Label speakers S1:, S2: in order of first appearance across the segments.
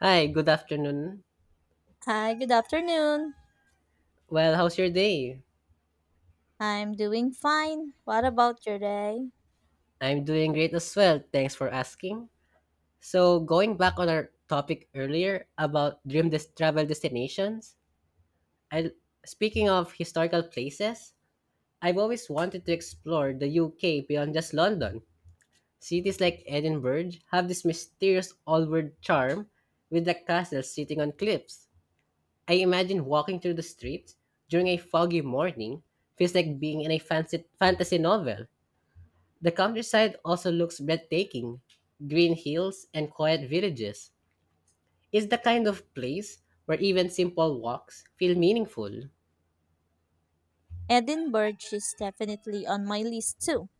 S1: Hi, good afternoon.
S2: Hi, good afternoon.
S1: Well, how's your day?
S2: I'm doing fine. What about your day?
S1: I'm doing great as well. Thanks for asking. So, going back on our topic earlier about travel destinations, I speaking of historical places, I've always wanted to explore the UK beyond just London. Cities like Edinburgh have this mysterious old-world charm with the castles sitting on cliffs. I imagine walking through the streets during a foggy morning feels like being in a fancy fantasy novel. The countryside also looks breathtaking, green hills and quiet villages. It's the kind of place where even simple walks feel meaningful.
S2: Edinburgh is definitely on my list too.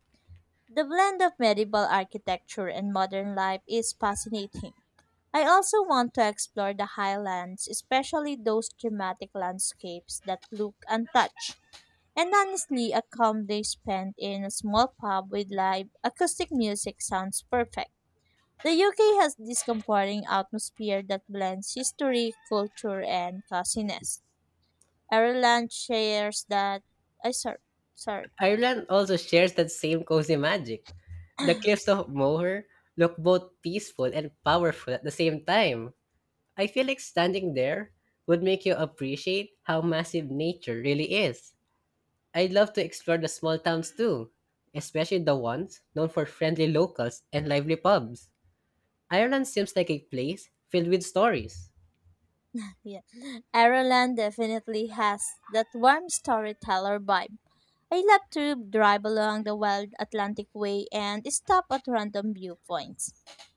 S2: The blend of medieval architecture and modern life is fascinating. I also want to explore the highlands, especially those dramatic landscapes that look untouched. And honestly, a calm day spent in a small pub with live acoustic music sounds perfect. The UK has this comforting atmosphere that blends history, culture, and classiness. Ireland shares that. I sorry.
S1: Ireland also shares that same cozy magic. The cliffs of Moher look both peaceful and powerful at the same time. I feel like standing there would make you appreciate how massive nature really is. I'd love to explore the small towns too, especially the ones known for friendly locals and lively pubs. Ireland seems like a place filled with stories.
S2: Yeah. Ireland definitely has that warm storyteller vibe. I love to drive along the wild Atlantic Way and stop at random viewpoints.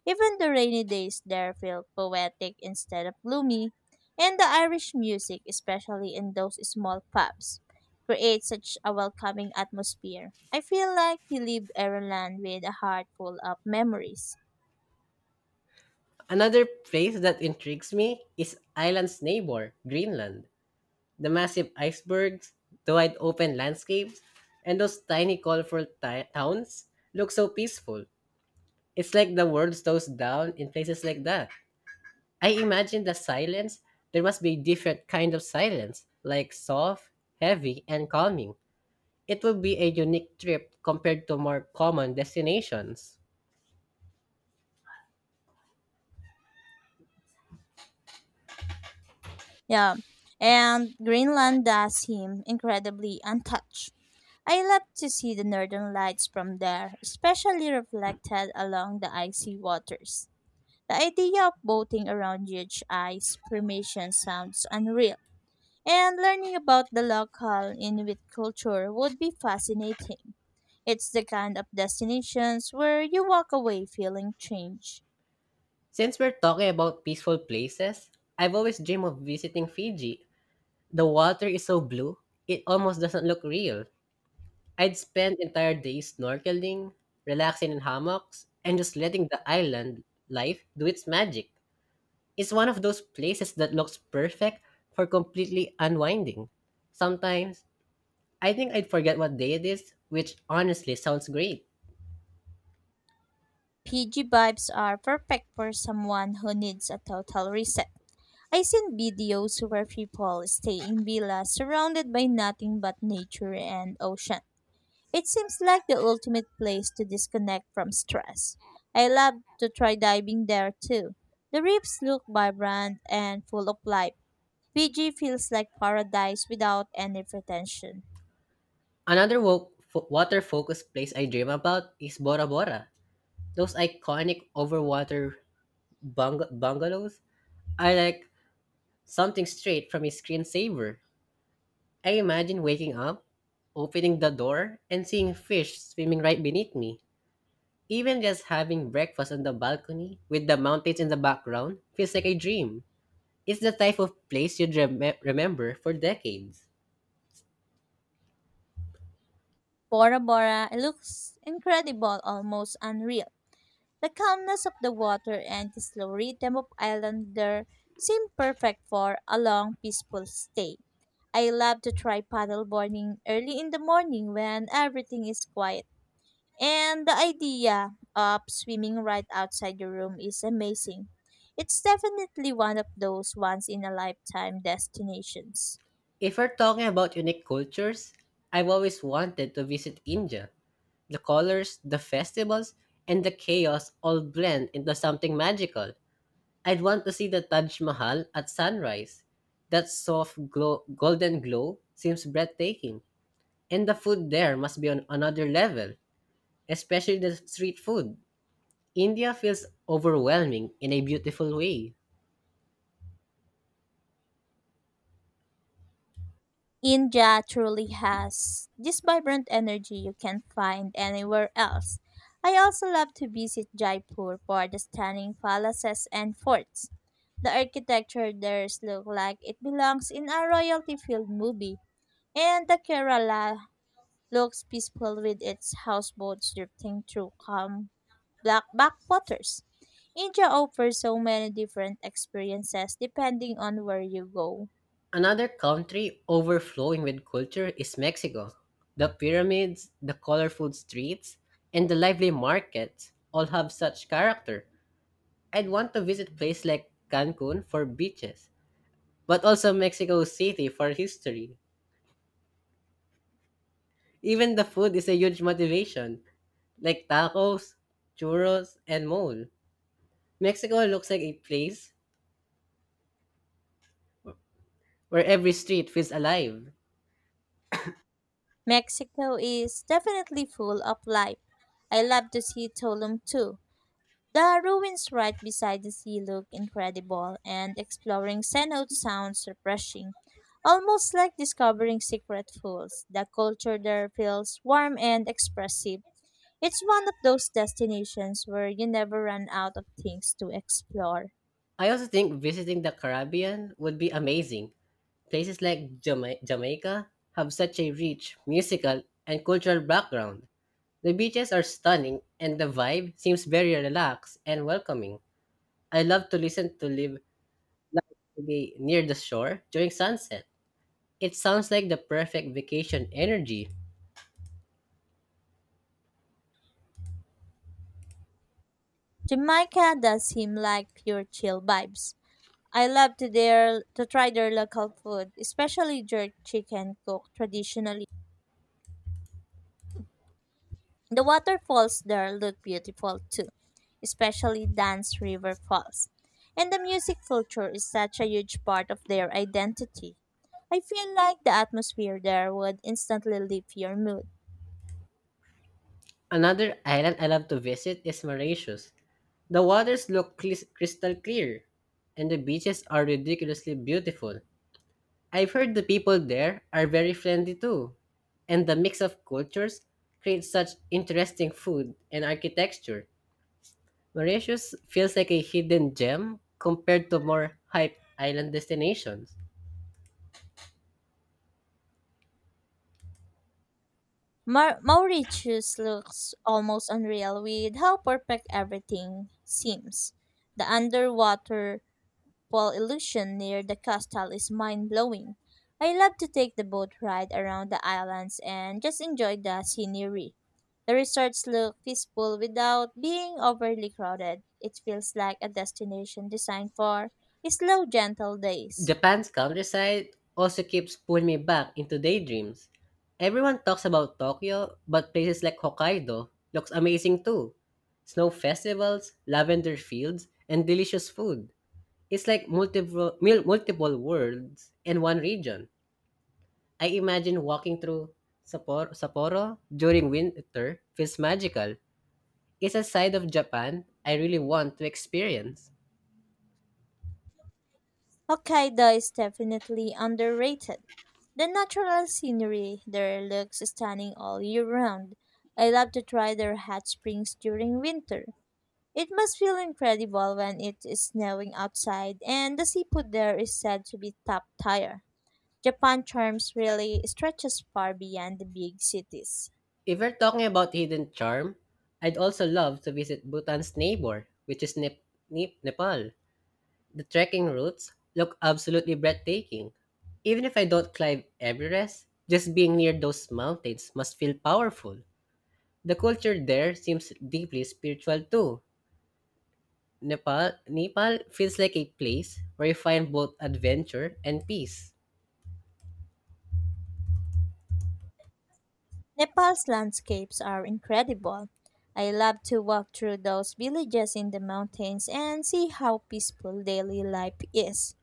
S2: Even the rainy days there feel poetic instead of gloomy, and the Irish music, especially in those small pubs, creates such a welcoming atmosphere. I feel like he lived Ireland with a heart full of memories.
S1: Another place that intrigues me is Ireland's neighbor, Greenland. The massive icebergs, the wide open landscapes, and those tiny colorful towns look so peaceful. It's like the world slows down in places like that. I imagine the silence, there must be a different kind of silence, like soft, heavy, and calming. It would be a unique trip compared to more common destinations.
S2: Yeah, and Greenland does him incredibly untouched. I love to see the northern lights from there, especially reflected along the icy waters. The idea of boating around huge ice formations sounds unreal, and learning about the local Inuit culture would be fascinating. It's the kind of destinations where you walk away feeling changed.
S1: Since we're talking about peaceful places, I've always dreamed of visiting Fiji. The water is so blue, it almost doesn't look real. I'd spend entire days snorkeling, relaxing in hammocks, and just letting the island life do its magic. It's one of those places that looks perfect for completely unwinding. Sometimes, I think I'd forget what day it is, which honestly sounds great.
S2: PG vibes are perfect for someone who needs a total reset. I seen videos where people stay in villas surrounded by nothing but nature and ocean. It seems like the ultimate place to disconnect from stress. I love to try diving there too. The reefs look vibrant and full of life. Fiji feels like paradise without any pretension.
S1: Another water focused place I dream about is Bora Bora. Those iconic overwater bungalows are like something straight from a screensaver. I imagine waking up, opening the door, and seeing fish swimming right beneath me. Even just having breakfast on the balcony with the mountains in the background feels like a dream. It's the type of place you'd remember for decades.
S2: Bora Bora looks incredible, almost unreal. The calmness of the water and the slow rhythm of Islander seem perfect for a long, peaceful stay. I love to try paddleboarding early in the morning when everything is quiet. And the idea of swimming right outside your room is amazing. It's definitely one of those once in a lifetime destinations.
S1: If we're talking about unique cultures, I've always wanted to visit India. The colors, the festivals, and the chaos all blend into something magical. I'd want to see the Taj Mahal at sunrise. That soft glow, golden glow seems breathtaking, and the food there must be on another level, especially the street food. India feels overwhelming in a beautiful way.
S2: India truly has this vibrant energy you can't find anywhere else. I also love to visit Jaipur for the stunning palaces and forts. The architecture there looks like it belongs in a royalty filled movie, and the Kerala looks peaceful with its houseboats drifting through calm black backwaters. India offers so many different experiences depending on where you go.
S1: Another country overflowing with culture is Mexico. The pyramids, the colorful streets, and the lively markets all have such character. I'd want to visit places like Cancun for beaches, but also Mexico City for history. Even the food is a huge motivation, like tacos, churros, and mole. Mexico looks like a place where every street feels alive.
S2: Mexico is definitely full of life. I love to see Tulum too. The ruins right beside the sea look incredible, and exploring cenote sounds refreshing, almost like discovering secret pools. The culture there feels warm and expressive. It's one of those destinations where you never run out of things to explore.
S1: I also think visiting the Caribbean would be amazing. Places like Jamaica have such a rich musical and cultural background. The beaches are stunning and the vibe seems very relaxed and welcoming. I love to listen to live, like to be near the shore during sunset. It sounds like the perfect vacation energy.
S2: Jamaica does seem like pure chill vibes. I love to their to try their local food, especially jerk chicken cooked traditionally. The waterfalls there look beautiful too, especially Dance River Falls. And the music culture is such a huge part of their identity. I feel like the atmosphere there would instantly lift your mood.
S1: Another island I love to visit is Mauritius. The waters look crystal clear, and the beaches are ridiculously beautiful. I've heard the people there are very friendly too, and the mix of cultures creates such interesting food and architecture. Mauritius feels like a hidden gem compared to more hyped island destinations.
S2: Mauritius looks almost unreal with how perfect everything seems. The underwater while illusion near the coastal is mind blowing. I love to take the boat ride around the islands and just enjoy the scenery. The resorts look peaceful without being overly crowded. It feels like a destination designed for slow, gentle days.
S1: Japan's countryside also keeps pulling me back into daydreams. Everyone talks about Tokyo, but places like Hokkaido looks amazing too. Snow festivals, lavender fields, and delicious food. It's like multiple worlds in one region. I imagine walking through Sapporo during winter feels magical. It's a side of Japan I really want to experience.
S2: Hokkaido is definitely underrated. The natural scenery there looks stunning all year round. I love to try their hot springs during winter. It must feel incredible when it is snowing outside, and the seafood there is said to be top tier. Japan charms really stretches far beyond the big cities.
S1: If we're talking about hidden charm, I'd also love to visit Bhutan's neighbor, which is Nepal. The trekking routes look absolutely breathtaking. Even if I don't climb Everest, just being near those mountains must feel powerful. The culture there seems deeply spiritual too. Nepal feels like a place where you find both adventure and peace.
S2: Nepal's landscapes are incredible. I love to walk through those villages in the mountains and see how peaceful daily life is.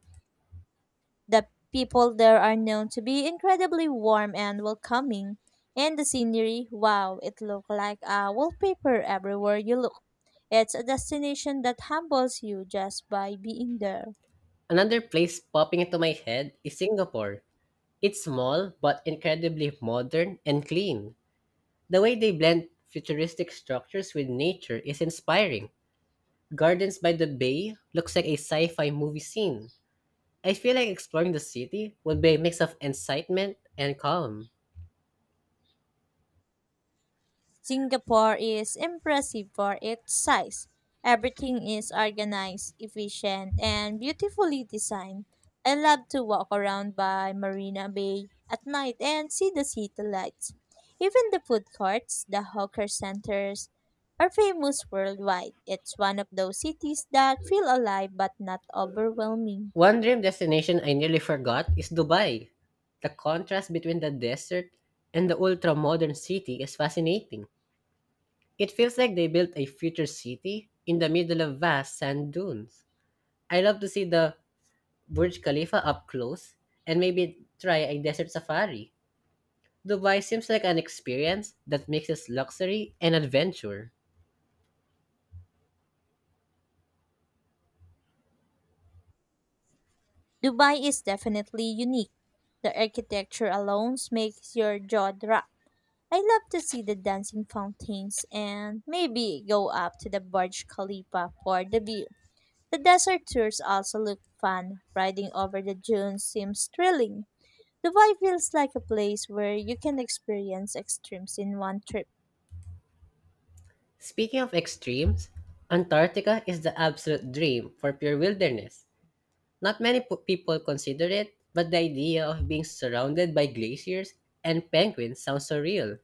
S2: The people there are known to be incredibly warm and welcoming. And the scenery, wow, it looks like a wallpaper everywhere you look. It's a destination that humbles you just by being there.
S1: Another place popping into my head is Singapore. It's small but incredibly modern and clean. The way they blend futuristic structures with nature is inspiring. Gardens by the Bay looks like a sci fi movie scene. I feel like exploring the city would be a mix of excitement and calm.
S2: Singapore is impressive for its size. Everything is organized, efficient, and beautifully designed. I love to walk around by Marina Bay at night and see the city lights. Even the food courts, the hawker centers, are famous worldwide. It's one of those cities that feel alive but not overwhelming.
S1: One dream destination I nearly forgot is Dubai. The contrast between the desert and the ultra modern city is fascinating. It feels like they built a future city in the middle of vast sand dunes. I love to see the Burj Khalifa up close and maybe try a desert safari. Dubai seems like an experience that mixes luxury and adventure.
S2: Dubai is definitely unique. The architecture alone makes your jaw drop. I love to see the dancing fountains and maybe go up to the Burj Khalifa for the view. The desert tours also look fun. Riding over the dunes seems thrilling. Dubai feels like a place where you can experience extremes in one trip.
S1: Speaking of extremes, Antarctica is the absolute dream for pure wilderness. Not many people consider it, but the idea of being surrounded by glaciers and penguins sounds surreal.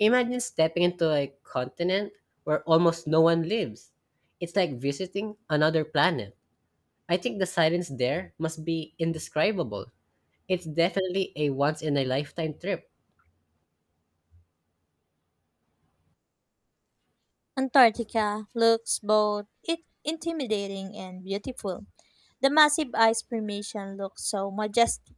S1: Imagine stepping into a continent where almost no one lives. It's like visiting another planet. I think the silence there must be indescribable. It's definitely a once in a lifetime trip.
S2: Antarctica looks both it intimidating and beautiful. The massive ice formation looks so majestic.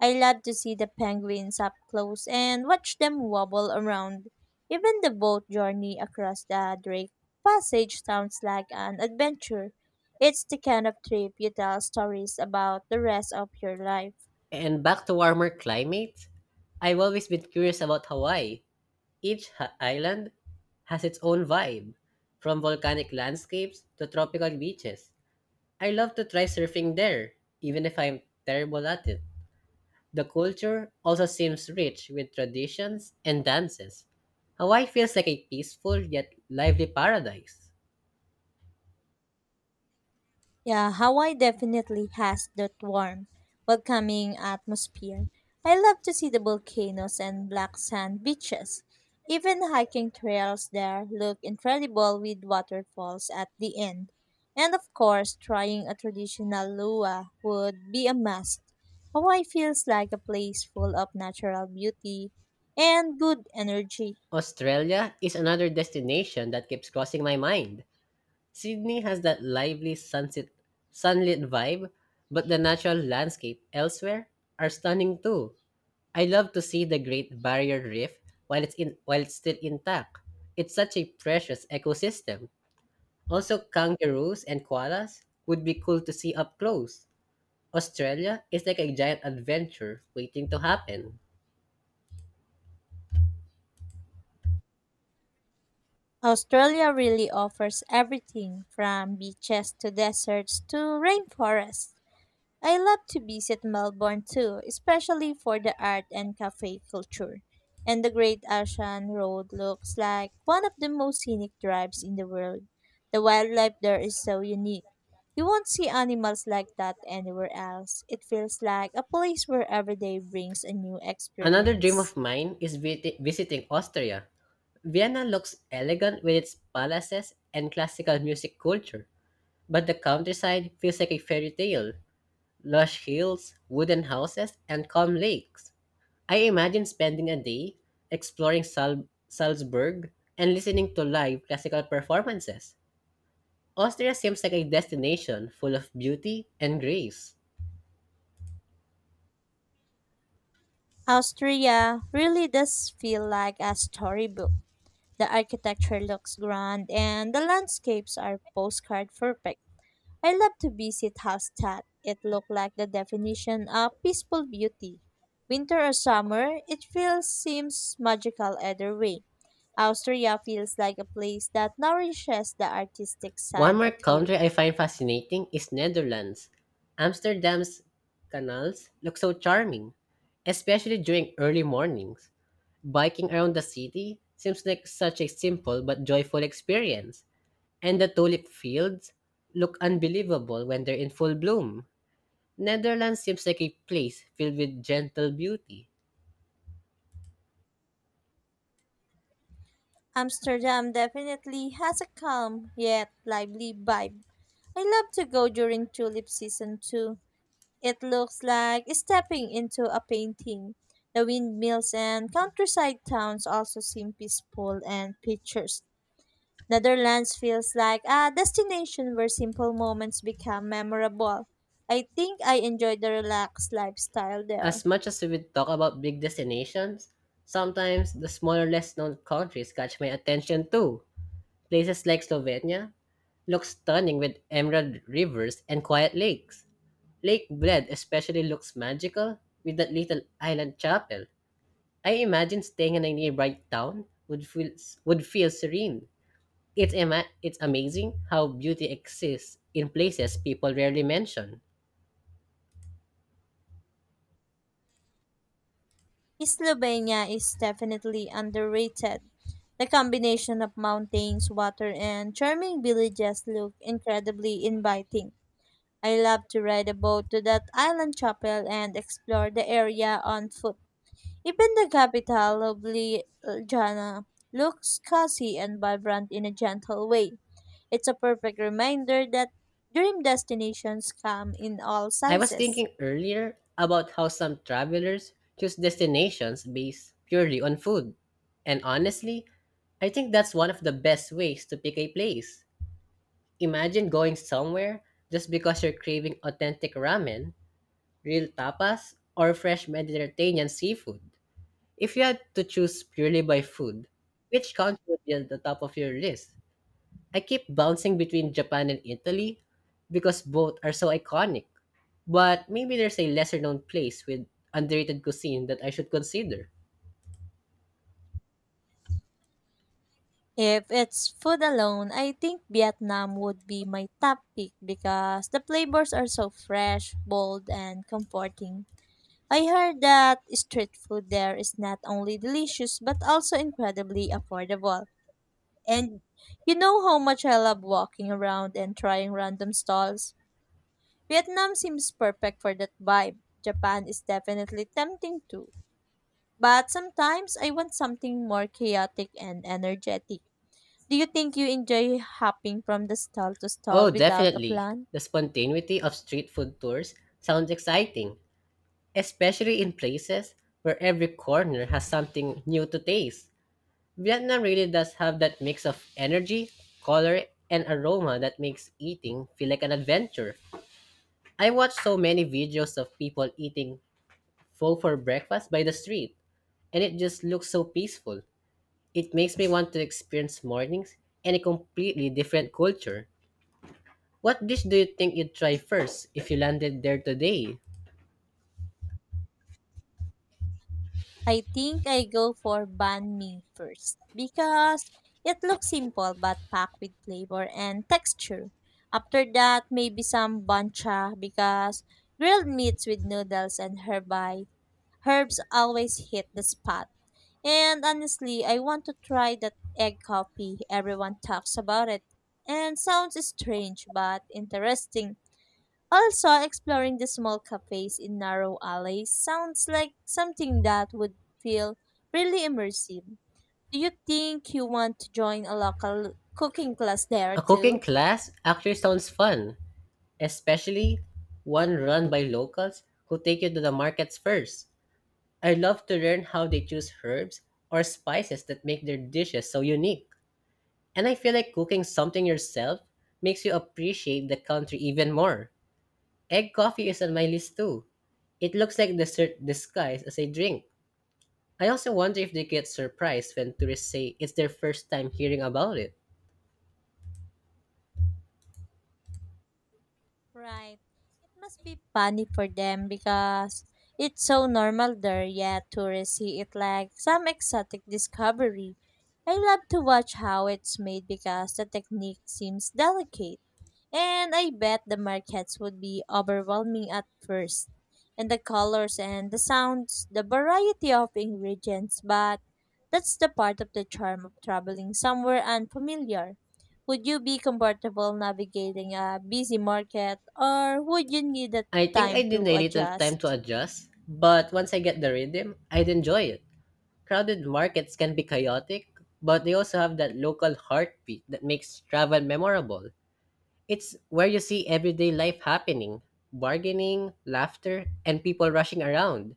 S2: I love to see the penguins up close and watch them wobble around. Even the boat journey across the Drake Passage sounds like an adventure. It's the kind of trip you tell stories about the rest of your life.
S1: And back to warmer climates, I've always been curious about Hawaii. Each island has its own vibe, from volcanic landscapes to tropical beaches. I love to try surfing there, even if I'm terrible at it. The culture also seems rich with traditions and dances. Hawaii feels like a peaceful yet lively paradise.
S2: Yeah, Hawaii definitely has that warm, welcoming atmosphere. I love to see the volcanoes and black sand beaches. Even hiking trails there look incredible with waterfalls at the end. And of course, trying a traditional lua would be a must. Hawaii feels like a place full of natural beauty and good energy.
S1: Australia is another destination that keeps crossing my mind. Sydney has that lively sunset, sunlit vibe, but the natural landscape elsewhere are stunning too. I love to see the Great Barrier Reef while it's still intact. It's such a precious ecosystem. Also, kangaroos and koalas would be cool to see up close. Australia is like a giant adventure waiting to happen.
S2: Australia really offers everything from beaches to deserts to rainforests. I love to visit Melbourne too, especially for the art and cafe culture. And the Great Ocean Road looks like one of the most scenic drives in the world. The wildlife there is so unique. You won't see animals like that anywhere else. It feels like a place where every day brings a new
S1: Another dream
S2: experience.
S1: of mine is visiting Austria. Vienna looks elegant with its palaces and classical music culture. But the countryside feels like a fairy tale, lush hills, wooden houses, and calm lakes. I imagine spending a day exploring Salzburg and listening to live classical performances. Austria seems like a destination full of beauty and grace.
S2: Austria really does feel like a storybook. The architecture looks grand and the landscapes are postcard perfect. I love to visit Hallstatt. It looked like the definition of peaceful beauty. Winter or summer, it feels seems magical either way. Austria feels like a place that nourishes the artistic
S1: One
S2: side
S1: more
S2: of you.
S1: country I find fascinating is Netherlands. Amsterdam's canals look so charming, especially during early mornings. Biking around the city seems like such a simple but joyful experience, and the tulip fields look unbelievable when they're in full bloom. Netherlands seems like a place filled with gentle beauty.
S2: Amsterdam definitely has a calm yet lively vibe. I love to go during tulip season too. It looks like stepping into a painting. The windmills and countryside towns also seem peaceful and picturesque. Netherlands feels like a destination where simple moments become memorable. I think I enjoy the relaxed lifestyle there.
S1: As much as we talk about big destinations, sometimes the smaller, less known countries catch my attention too. Places like Slovenia look stunning with emerald rivers and quiet lakes. Lake Bled especially looks magical with that little island chapel. I imagine staying in a nearby town would feel serene. It's it's amazing how beauty exists in places people rarely mention.
S2: Slovenia is definitely underrated. The combination of mountains, water, and charming villages look incredibly inviting. I love to ride a boat to that island chapel and explore the area on foot. Even the capital, Ljubljana, looks cozy and vibrant in a gentle way. It's a perfect reminder that dream destinations come in all
S1: I was
S2: sizes.
S1: thinking earlier about how some travelers choose destinations based purely on food. And honestly, I think that's one of the best ways to pick a place. Imagine going somewhere just because you're craving authentic ramen, real tapas, or fresh Mediterranean seafood. If you had to choose purely by food, which country would be at the top of your list? I keep bouncing between Japan and Italy because both are so iconic. But maybe there's a lesser known place with underrated cuisine that I should consider.
S2: If it's food alone, I think Vietnam would be my top pick because the flavors are so fresh, bold, and comforting. I heard that street food there is not only delicious but also incredibly affordable. And you know how much I love walking around and trying random stalls? Vietnam seems perfect for that vibe. Japan is definitely tempting too, but sometimes I want something more chaotic and energetic. Do you think you enjoy hopping from the stall to stall
S1: Oh,
S2: without a
S1: definitely.
S2: plan?
S1: The spontaneity of street food tours sounds exciting, especially in places where every corner has something new to taste. Vietnam really does have that mix of energy, color, and aroma that makes eating feel like an adventure. I watch so many videos of people eating pho for breakfast by the street, and it just looks so peaceful. It makes me want to experience mornings in a completely different culture. What dish do you think you'd try first if you landed there today?
S2: I think I go for banh mi first because it looks simple but packed with flavor and texture. After that, maybe some bancha because grilled meats with noodles and herby herbs always hit the spot. And honestly, I want to try that egg coffee. Everyone talks about it and sounds strange but interesting. Also, exploring the small cafes in narrow alleys sounds like something that would feel really immersive. Do you think you want to join a local cooking class there
S1: A cooking
S2: too?
S1: class actually sounds fun, especially one run by locals who take you to the markets first. I love to learn how they choose herbs or spices that make their dishes so unique. And I feel like cooking something yourself makes you appreciate the country even more. Egg coffee is on my list too. It looks like dessert disguised as a drink. I also wonder if they get surprised when tourists say it's their first time hearing about it.
S2: Right. It must be funny for them because it's so normal there, yet tourists see it like some exotic discovery. I love to watch how it's made because the technique seems delicate. And I bet the markets would be overwhelming at first. And the colors and the sounds, the variety of ingredients, but that's the part of the charm of traveling somewhere unfamiliar. Would you be comfortable navigating a busy market or would you need the
S1: I think I
S2: time
S1: need
S2: to
S1: a little time to
S2: adjust?
S1: adjust, but once I get the rhythm, I'd enjoy it. Crowded markets can be chaotic, but they also have that local heartbeat that makes travel memorable. It's where you see everyday life happening, bargaining, laughter, and people rushing around.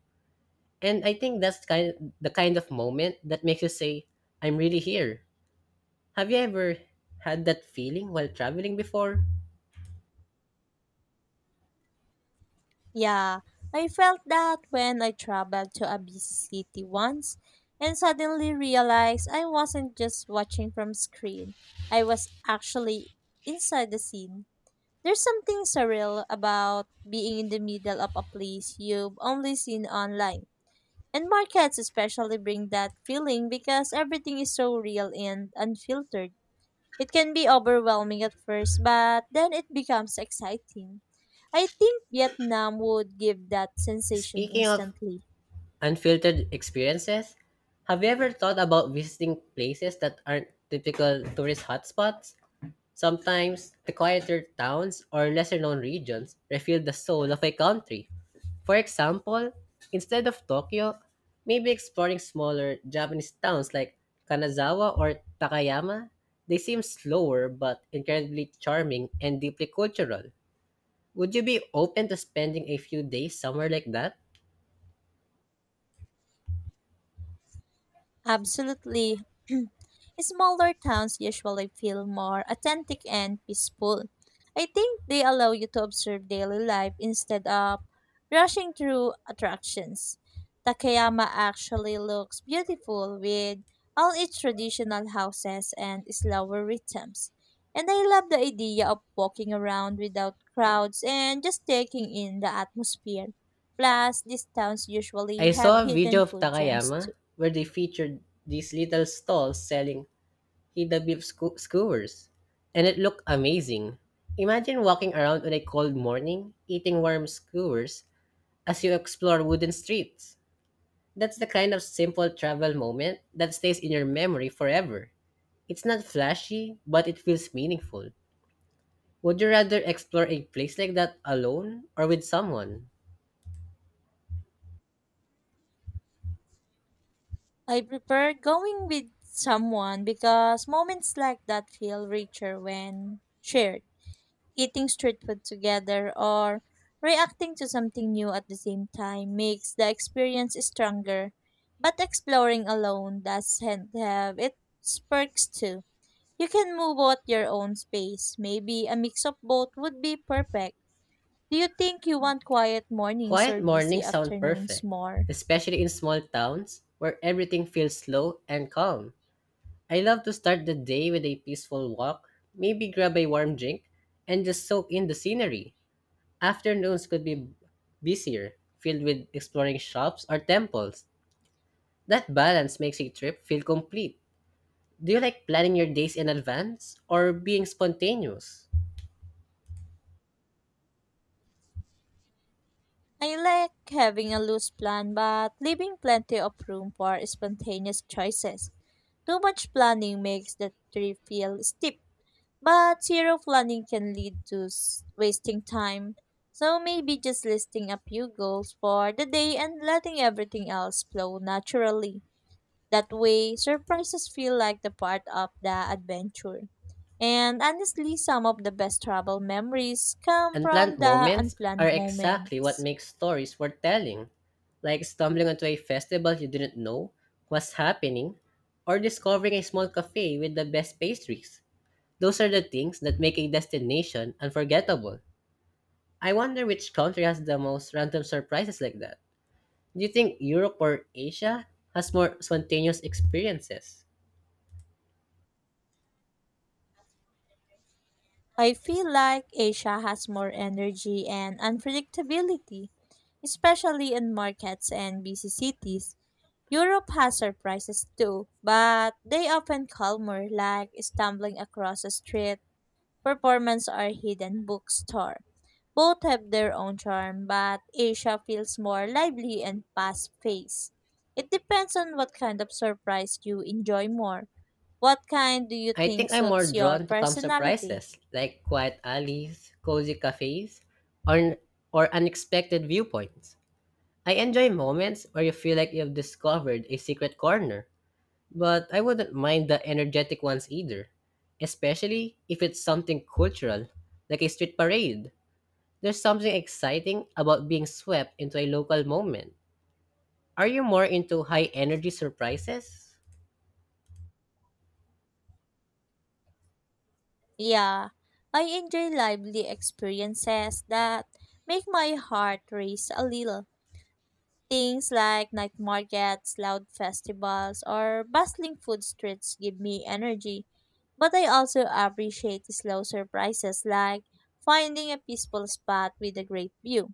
S1: And I think that's kind the kind of moment that makes you say, "I'm really here." Have you ever had that feeling while traveling before?
S2: Yeah, I felt that when I traveled to a busy city once and suddenly realized I wasn't just watching from screen. I was actually inside the scene. There's something surreal about being in the middle of a place you've only seen online. And markets especially bring that feeling because everything is so real and unfiltered. It can be overwhelming at first, but then it becomes exciting. I think Vietnam would give that sensation
S1: Speaking of
S2: instantly.
S1: unfiltered experiences, have you ever thought about visiting places that aren't typical tourist hotspots? Sometimes the quieter towns or lesser known regions reveal the soul of a country. For example, instead of Tokyo, maybe exploring smaller Japanese towns like Kanazawa or Takayama, they seem slower but incredibly charming and deeply cultural. Would you be open to spending a few days somewhere like that?
S2: Absolutely. Smaller towns usually feel more authentic and peaceful. I think they allow you to observe daily life instead of rushing through attractions. Takayama actually looks beautiful with all its traditional houses and slower rhythms. And I love the idea of walking around without crowds and just taking in the atmosphere. Plus, these towns usually
S1: I
S2: have
S1: saw a video
S2: hidden
S1: of
S2: food gems
S1: Takayama
S2: too.
S1: where they featured these little stalls selling skewers, and it looked amazing. Imagine walking around on a cold morning, eating warm skewers as you explore wooden streets. That's the kind of simple travel moment that stays in your memory forever. It's not flashy, but it feels meaningful. Would you rather explore a place like that alone or with someone?
S2: I prefer going with someone because moments like that feel richer when shared. Eating street food together or reacting to something new at the same time makes the experience stronger. But exploring alone doesn't have its perks too. You can move out your own space. Maybe a mix of both would be perfect. Do you think you want quiet mornings
S1: Quiet
S2: or busy
S1: mornings sound
S2: afternoons
S1: perfect,
S2: more?
S1: especially in small towns where everything feels slow and calm. I love to start the day with a peaceful walk, maybe grab a warm drink, and just soak in the scenery. Afternoons could be busier, filled with exploring shops or temples. That balance makes a trip feel complete. Do you like planning your days in advance or being spontaneous?
S2: I like having a loose plan but leaving plenty of room for spontaneous choices. Too much planning makes the trip feel steep, but zero planning can lead to wasting time. So maybe just listing a few goals for the day and letting everything else flow naturally. That way, surprises feel like the part of the adventure. And honestly, some of the best travel memories come
S1: Unplanned
S2: from the
S1: moments are
S2: unplanned
S1: exactly what
S2: moments.
S1: makes stories worth telling, like stumbling onto a festival you didn't know was happening or discovering a small cafe with the best pastries. Those are the things that make a destination unforgettable. I wonder which country has the most random surprises like that. Do you think Europe or Asia has more spontaneous experiences?
S2: I feel like Asia has more energy and unpredictability, especially in markets and busy cities. Europe has surprises too, but they often calmer, like stumbling across a street performance or hidden bookstore. Both have their own charm, but Asia feels more lively and fast-paced. It depends on what kind of surprise you enjoy more. What kind do you
S1: I
S2: think
S1: think I'm more
S2: suits your
S1: drawn to calm
S2: personality?
S1: surprises, like quiet alleys, cozy cafes, or, or unexpected viewpoints. I enjoy moments where you feel like you've discovered a secret corner, but I wouldn't mind the energetic ones either, especially if it's something cultural, like a street parade. There's something exciting about being swept into a local moment. Are you more into high energy surprises?
S2: Yeah, I enjoy lively experiences that make my heart race a little. Things like night markets, loud festivals, or bustling food streets give me energy. But I also appreciate slow surprises like finding a peaceful spot with a great view.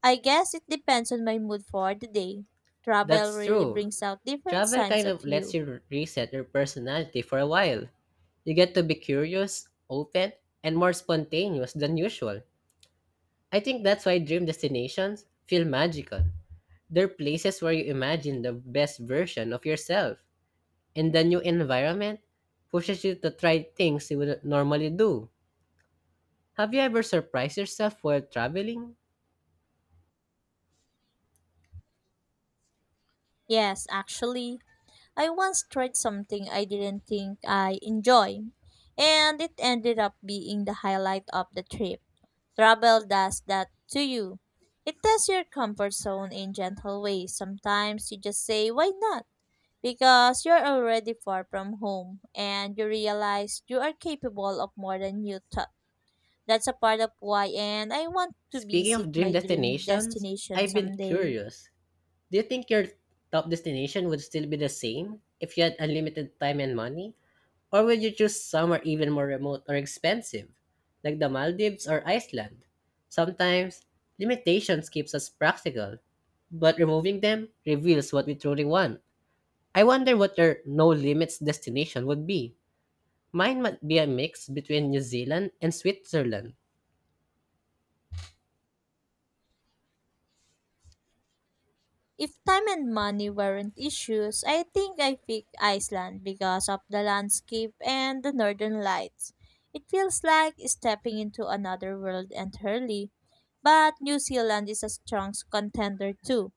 S2: I guess it depends on my mood for the day. Travel
S1: That's
S2: really
S1: true.
S2: brings out different
S1: Travel
S2: sides
S1: kind
S2: of
S1: of lets
S2: you.
S1: you reset your personality for a while. You get to be curious, open, and more spontaneous than usual. I think that's why dream destinations feel magical. They're places where you imagine the best version of yourself, and the new environment pushes you to try things you would normally do. Have you ever surprised yourself while traveling?
S2: Yes, actually, I once tried something I didn't think I enjoyed, and it ended up being the highlight of the trip. Travel does that to you. It tests your comfort zone in gentle ways. Sometimes you just say, why not? Because you're already far from home and you realize you are capable of more than you thought. That's a part of why, and I want to
S1: Speaking
S2: visit
S1: of dream
S2: my dream
S1: destinations,
S2: destination
S1: I've been
S2: someday.
S1: curious. Do you think your top destination would still be the same if you had unlimited time and money? Or would you choose somewhere even more remote or expensive, like the Maldives or Iceland? Sometimes, limitations keeps us practical, but removing them reveals what we truly want. I wonder what your no limits destination would be. Mine might be a mix between New Zealand and Switzerland.
S2: If time and money weren't issues, I think I pick Iceland because of the landscape and the northern lights. It feels like stepping into another world entirely. But New Zealand is a strong contender too,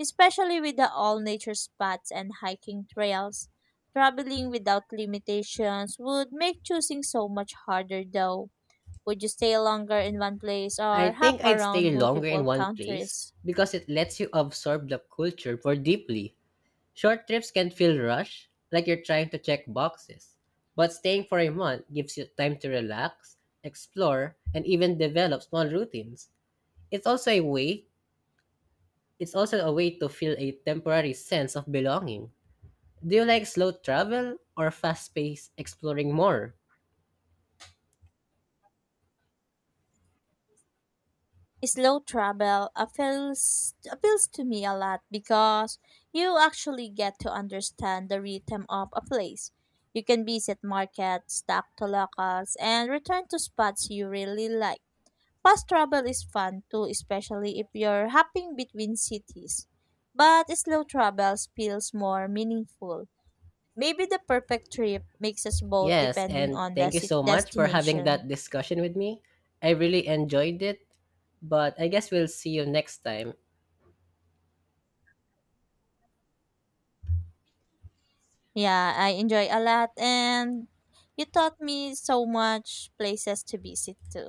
S2: especially with the all nature spots and hiking trails. Traveling without limitations would make choosing so much harder though. Would you stay longer in one place
S1: I
S2: or hop
S1: think I'd
S2: around
S1: stay longer in
S2: multiple
S1: one place
S2: countries?
S1: because it lets you absorb the culture more deeply. Short trips can feel rushed, like you're trying to check boxes. But staying for a month gives you time to relax, explore, and even develop small routines. It's also a way it's also a way to feel a temporary sense of belonging. Do you like slow travel or fast-paced exploring more?
S2: Slow travel appeals to me a lot because you actually get to understand the rhythm of a place. You can visit markets, talk to locals, and return to spots you really like. Fast travel is fun too, especially if you're hopping between cities. But slow travel feels more meaningful. Maybe the perfect trip makes us both
S1: Yes,
S2: depending
S1: and
S2: on the
S1: thank you so much for having
S2: destination.
S1: that discussion with me. I really enjoyed it, but I guess we'll see you next time.
S2: Yeah, I enjoy a lot and you taught me so much places to visit too.